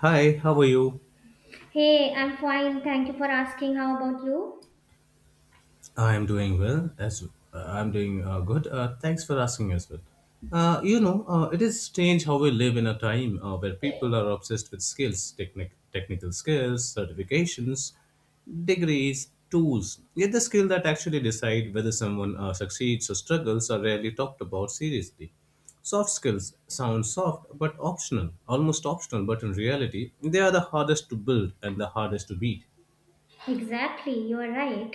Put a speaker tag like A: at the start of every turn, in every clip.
A: Hi, how are you?
B: Hey, I'm fine. Thank you for asking. How about you?
A: I am doing well. As I'm doing good. Thanks for asking as well. It is strange how we live in a time where people are obsessed with skills, technical skills, certifications, degrees, tools. Yet the skill that actually decide whether someone succeeds or struggles are rarely talked about seriously. Soft skills sound soft but optional, almost optional, but in reality, they are the hardest to build and the hardest to beat.
B: Exactly, you are right.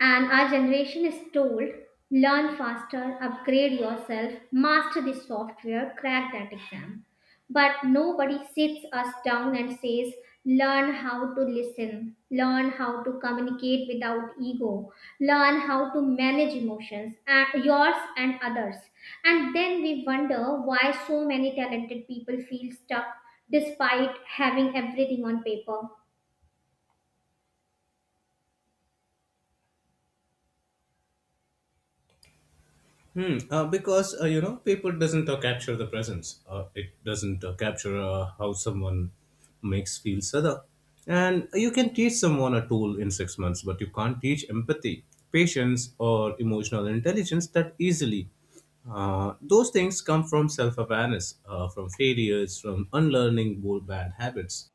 B: And our generation is told learn faster, upgrade yourself, master the software, crack that exam. But nobody sits us down and says, learn how to listen, learn how to communicate without ego, learn how to manage emotions, and yours and others. And then we wonder why so many talented people feel stuck despite having everything on paper.
A: Hmm. Because paper doesn't capture the presence. It doesn't capture how someone makes feels other. And you can teach someone a tool in 6 months, but you can't teach empathy, patience, or emotional intelligence that easily. Those things come from self-awareness, from failures, from unlearning old bad habits.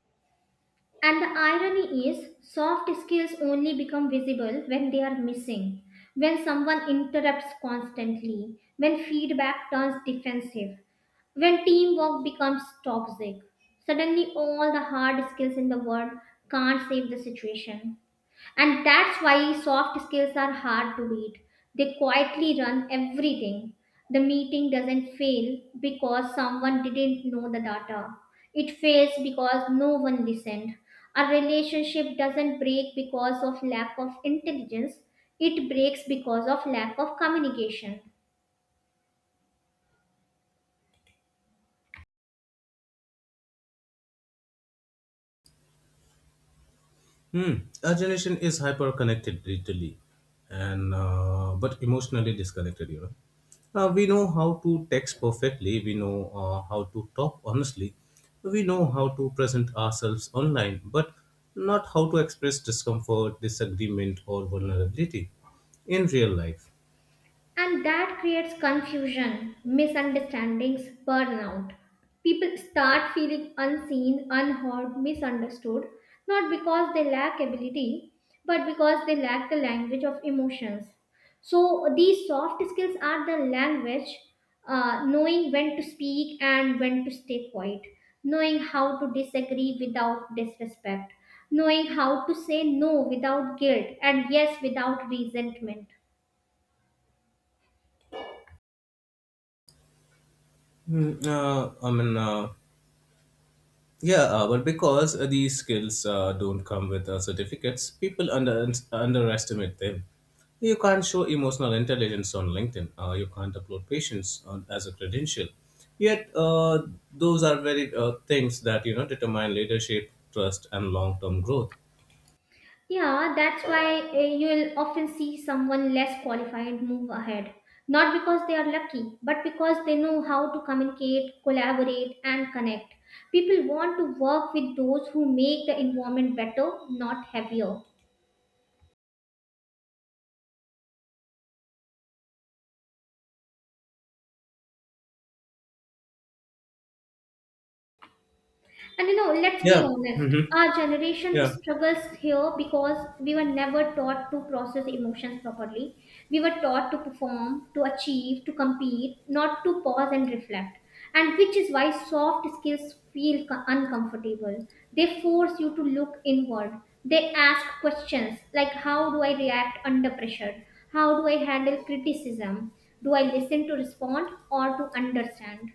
B: And the irony is, soft skills only become visible when they are missing, when someone interrupts constantly, when feedback turns defensive, when teamwork becomes toxic. Suddenly, all the hard skills in the world can't save the situation. And that's why soft skills are hard to beat. They quietly run everything. The meeting doesn't fail because someone didn't know the data. It fails because no one listened. A relationship doesn't break because of lack of intelligence. It breaks because of lack of communication.
A: Hmm. Our generation is hyper connected digitally, and but emotionally disconnected. We know how to text perfectly. We know how to talk honestly. We know how to present ourselves online, but not how to express discomfort, disagreement, or vulnerability in real life.
B: And that creates confusion, misunderstandings, burnout. People start feeling unseen, unheard, misunderstood, not because they lack ability, but because they lack the language of emotions. So, these soft skills are the language, knowing when to speak and when to stay quiet, knowing how to disagree without disrespect, knowing how to say no without guilt and yes without resentment.
A: I mean, yeah, but because these skills don't come with certificates, people underestimate them. You can't show emotional intelligence on LinkedIn. You can't upload patience as a credential. Yet, those are very things that determine leadership, trust, and long-term growth.
B: Yeah, that's why you'll often see someone less qualified move ahead. Not because they are lucky, but because they know how to communicate, collaborate, and connect. People want to work with those who make the environment better, not heavier. And you know, let's be
A: Yeah.
B: honest,
A: Hmm.
B: our generation
A: Yeah.
B: struggles here because we were never taught to process emotions properly. We were taught to perform, to achieve, to compete, not to pause and reflect. And which is why soft skills feel uncomfortable. They force you to look inward. They ask questions like how do I react under pressure? How do I handle criticism? Do I listen to respond or to understand?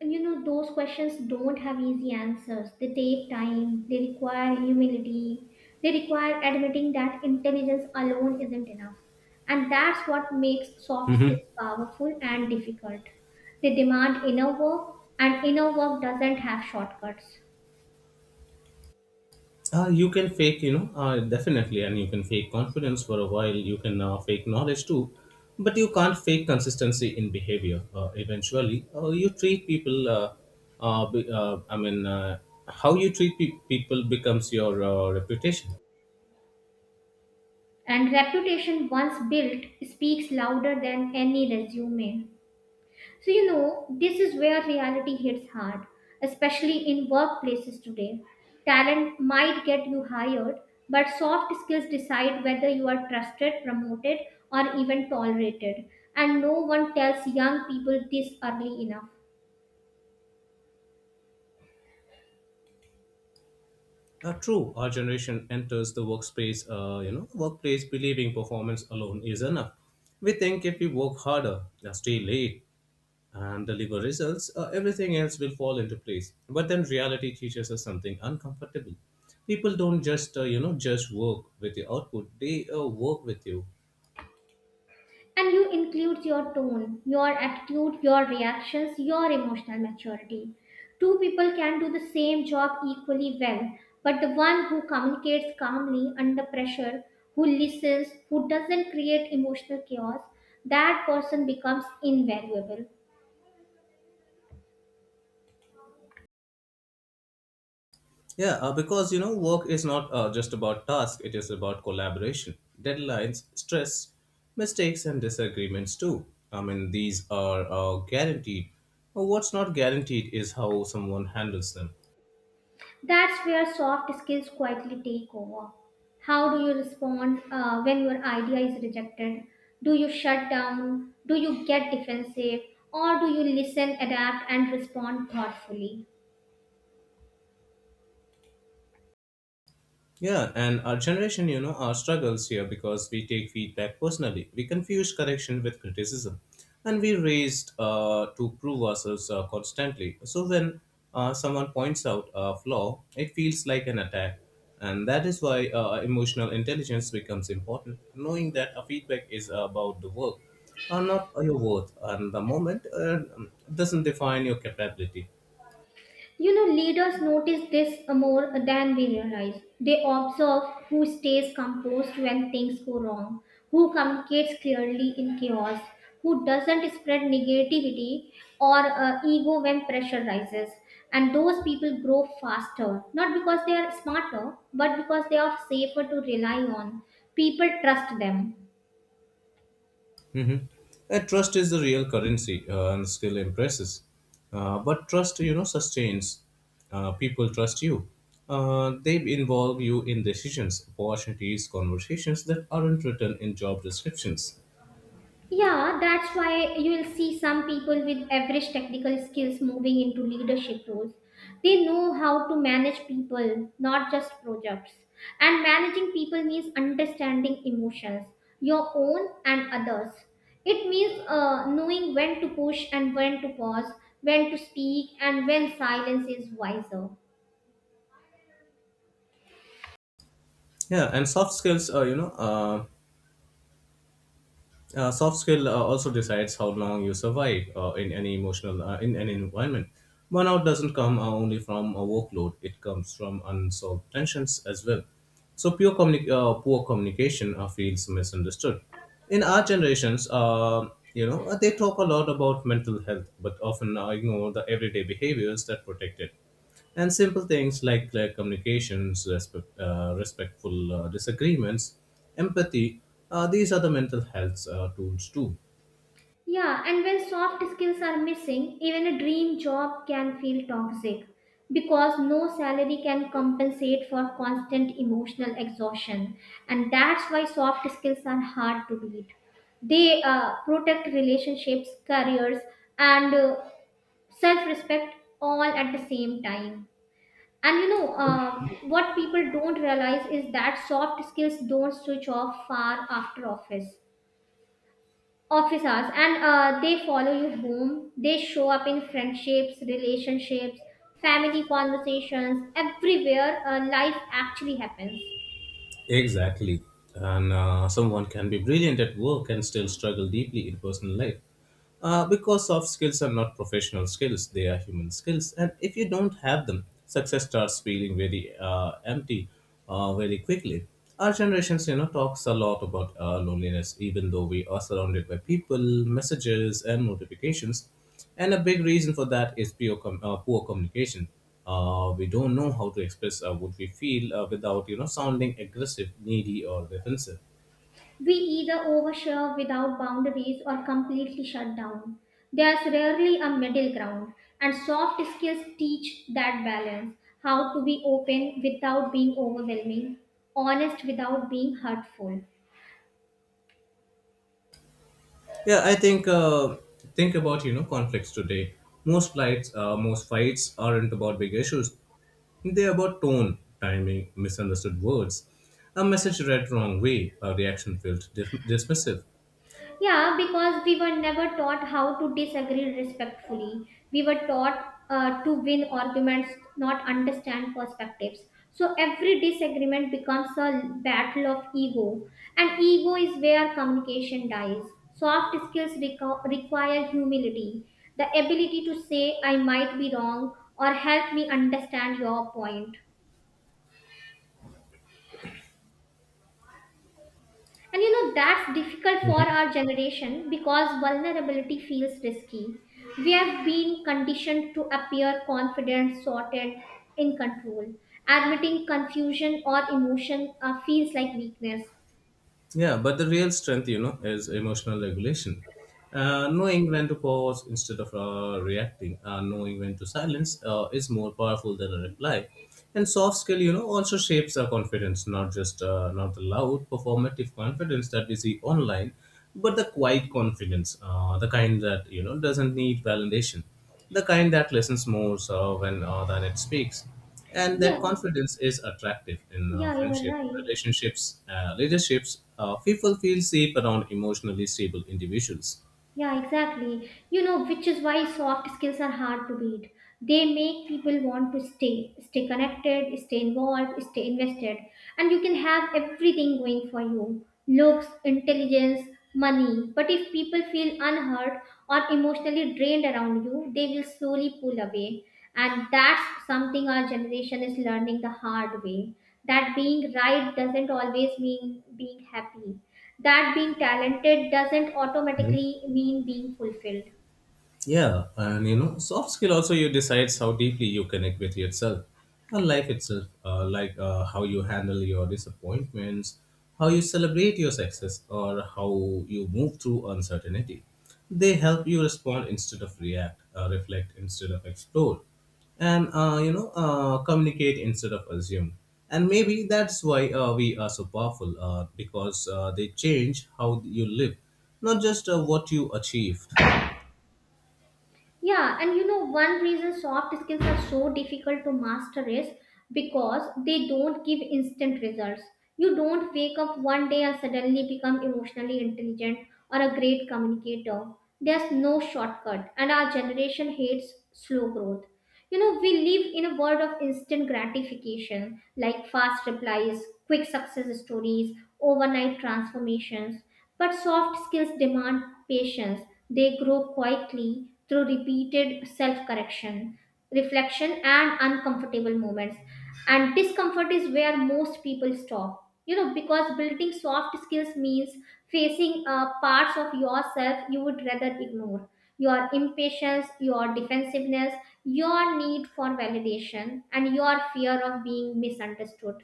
B: And you know, those questions don't have easy answers. They take time, they require humility, they require admitting that intelligence alone isn't enough. And that's what makes soft
A: Hmm.
B: skills powerful and difficult. They demand inner work, and inner work doesn't have shortcuts.
A: You can fake, definitely, and you can fake confidence for a while. You can fake knowledge too, but you can't fake consistency in behavior. Eventually, you treat people. I mean, how you treat people becomes your reputation.
B: And reputation once built speaks louder than any resume. So, you know, this is where reality hits hard, especially in workplaces today. Talent might get you hired, but soft skills decide whether you are trusted, promoted, or even tolerated. And no one tells young people this early enough.
A: True, our generation enters the workplace believing performance alone is enough. We think if we work harder, stay late, and deliver results, everything else will fall into place. But then reality teaches us something uncomfortable. People don't just just work with your output; they work with you.
B: And you include your tone, your attitude, your reactions, your emotional maturity. Two people can do the same job equally well, but the one who communicates calmly under pressure, who listens, who doesn't create emotional chaos, that person becomes invaluable.
A: Yeah, because work is not just about task; it is about collaboration, deadlines, stress, mistakes, and disagreements too. I mean, these are guaranteed. What's not guaranteed is how someone handles them.
B: That's where soft skills quietly take over. How do you respond when your idea is rejected? Do you shut down? Do you get defensive? Or do you listen, adapt, and respond thoughtfully?
A: Yeah, and our generation, our struggles here because we take feedback personally. We confuse correction with criticism, and we raised to prove ourselves constantly. So when someone points out a flaw, it feels like an attack, and that is why emotional intelligence becomes important. Knowing that a feedback is about the work, not your worth, and the moment doesn't define your capability.
B: You know, leaders notice this more than we realize. They observe who stays composed when things go wrong, who communicates clearly in chaos, who doesn't spread negativity or ego when pressure rises. And those people grow faster, not because they are smarter, but because they are safer to rely on. People trust them.
A: Mm-hmm. And trust is the real currency, and skill impresses. But trust, sustains. People trust you. They involve you in decisions, opportunities, conversations that aren't written in job descriptions.
B: Yeah, that's why you will see some people with average technical skills moving into leadership roles. They know how to manage people, not just projects. And managing people means understanding emotions, your own and others. It means knowing when to push and when to pause, when to speak, and when silence is wiser.
A: Yeah, and soft skill also decides how long you survive in any environment. Burnout doesn't come only from a workload. It comes from unsolved tensions as well. So poor communication feels misunderstood. In our generations, they talk a lot about mental health but often ignore the everyday behaviors that protect it. And simple things like clear communications, respectful disagreements, empathy, these are the mental health tools too.
B: Yeah, and when soft skills are missing, even a dream job can feel toxic because no salary can compensate for constant emotional exhaustion. And that's why soft skills are hard to beat. They protect relationships, careers, and self respect all at the same time. And you know, what people don't realize is that soft skills don't switch off far after office hours, and they follow you home. They show up in friendships, relationships, family conversations, everywhere life actually happens.
A: Exactly. And someone can be brilliant at work and still struggle deeply in personal life. Because soft skills are not professional skills, they are human skills. And if you don't have them, success starts feeling very empty very quickly. Our generations, talks a lot about loneliness, even though we are surrounded by people, messages, and notifications. And a big reason for that is poor communication. We don't know how to express what we feel without sounding aggressive, needy, or defensive.
B: We either overshare without boundaries or completely shut down. There's rarely a middle ground, and soft skills teach that balance: how to be open without being overwhelming, honest without being hurtful.
A: Yeah, I think about conflicts today. Most fights aren't about big issues. They're about tone, timing, misunderstood words, a message read wrong way, a reaction felt dismissive.
B: Yeah, because we were never taught how to disagree respectfully. We were taught to win arguments, not understand perspectives. So every disagreement becomes a battle of ego, and ego is where communication dies. Soft skills require humility, the ability to say, I might be wrong, or help me understand your point. And you know, that's difficult for our generation because vulnerability feels risky. We have been conditioned to appear confident, sorted, in control. Admitting confusion or emotion feels like weakness.
A: Yeah, but the real strength, is emotional regulation. Knowing when to pause instead of reacting, knowing when to silence is more powerful than a reply. And soft skill, also shapes our confidence, not the loud performative confidence that we see online, but the quiet confidence, the kind that doesn't need validation, the kind that listens more when than it speaks. And
B: Yeah,
A: that confidence is attractive in
B: yeah, you are
A: friendship
B: right.
A: relationships, leaderships. People feel safe around emotionally stable individuals.
B: Yeah, exactly. You know, which is why soft skills are hard to beat. They make people want to stay, stay connected, stay involved, stay invested, and you can have everything going for you. Looks, intelligence, money. But if people feel unheard or emotionally drained around you, they will slowly pull away. And that's something our generation is learning the hard way. That being right doesn't always mean being happy, that being talented doesn't automatically mean being fulfilled.
A: Yeah, and soft skill also you decides how deeply you connect with yourself and life itself, like how you handle your disappointments, how you celebrate your success, or how you move through uncertainty. They help you respond instead of react, reflect instead of explore, and communicate instead of assume. And maybe that's why we are so powerful, because they change how you live, not just what you achieved.
B: Yeah, and you know, one reason soft skills are so difficult to master is because they don't give instant results. You don't wake up one day and suddenly become emotionally intelligent or a great communicator. There's no shortcut, and our generation hates slow growth. You know, we live in a world of instant gratification, like fast replies, quick success stories, overnight transformations. But soft skills demand patience. They grow quietly through repeated self correction, reflection, and uncomfortable moments. And discomfort is where most people stop, you know, because building soft skills means facing parts of yourself you would rather ignore: your impatience, your defensiveness, your need for validation, and your fear of being misunderstood.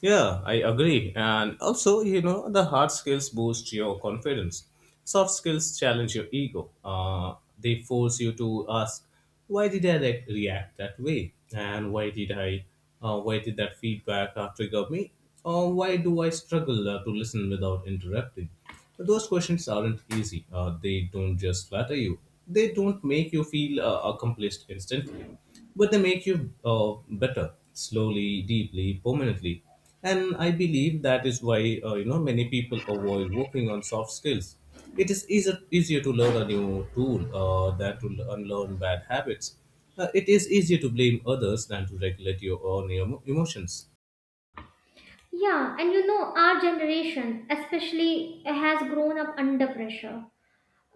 A: Yeah, I agree. And also, the hard skills boost your confidence. Soft skills challenge your ego. They force you to ask, why did I react that way? And why did I, Why did that feedback trigger me? Or why do I struggle to listen without interrupting? Those questions aren't easy. They don't just flatter you, they don't make you feel accomplished instantly, but they make you better slowly, deeply, permanently. And I believe that is why many people avoid working on soft skills. It is easier to learn a new tool than to unlearn bad habits. It is easier to blame others than to regulate your own emotions.
B: Yeah, and you know, our generation especially has grown up under pressure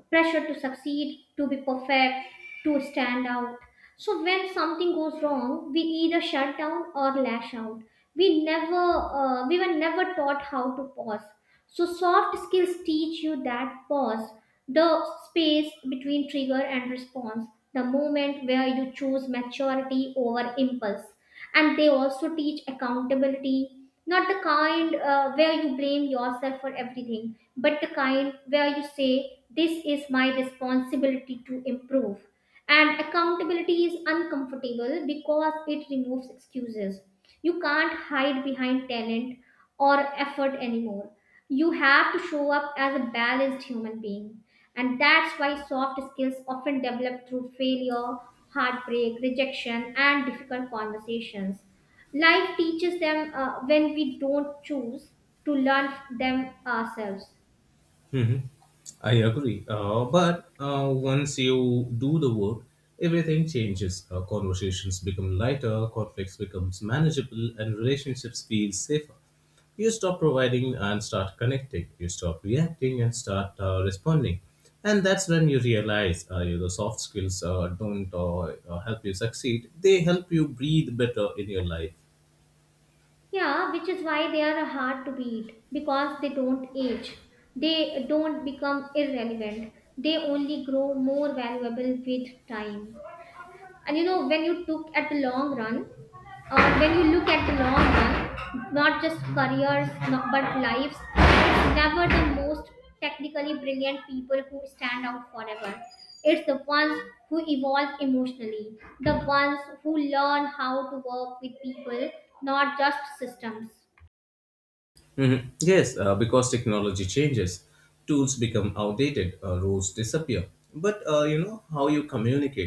B: pressure to succeed, to be perfect, to stand out. So when something goes wrong, we either shut down or lash out. We were never taught how to pause. So soft skills teach you that pause, the space between trigger and response, the moment where you choose maturity over impulse. And they also teach accountability, not the kind where you blame yourself for everything, but the kind where you say, this is my responsibility to improve. And accountability is uncomfortable because it removes excuses. You can't hide behind talent or effort anymore. You have to show up as a balanced human being. And that's why soft skills often develop through failure, heartbreak, rejection, and difficult conversations. Life teaches them when we don't choose to learn them ourselves.
A: Hmm. I agree. But once you do the work, everything changes. Conversations become lighter, conflicts becomes manageable, and relationships feel safer. You stop providing and start connecting. You stop reacting and start responding. And that's when you realize the soft skills don't help you succeed. They help you breathe better in your life.
B: Yeah, which is why they are hard to beat because they don't age. They don't become irrelevant. They only grow more valuable with time. And you know, when you look at the long run, not just careers, not, but lives, it's never the most technically brilliant people who stand out forever. It's the ones who evolve emotionally, the ones who learn how to work with people, not just systems.
A: Mhm. Yes, because technology changes, tools become outdated, rules disappear. But you know how you communicate.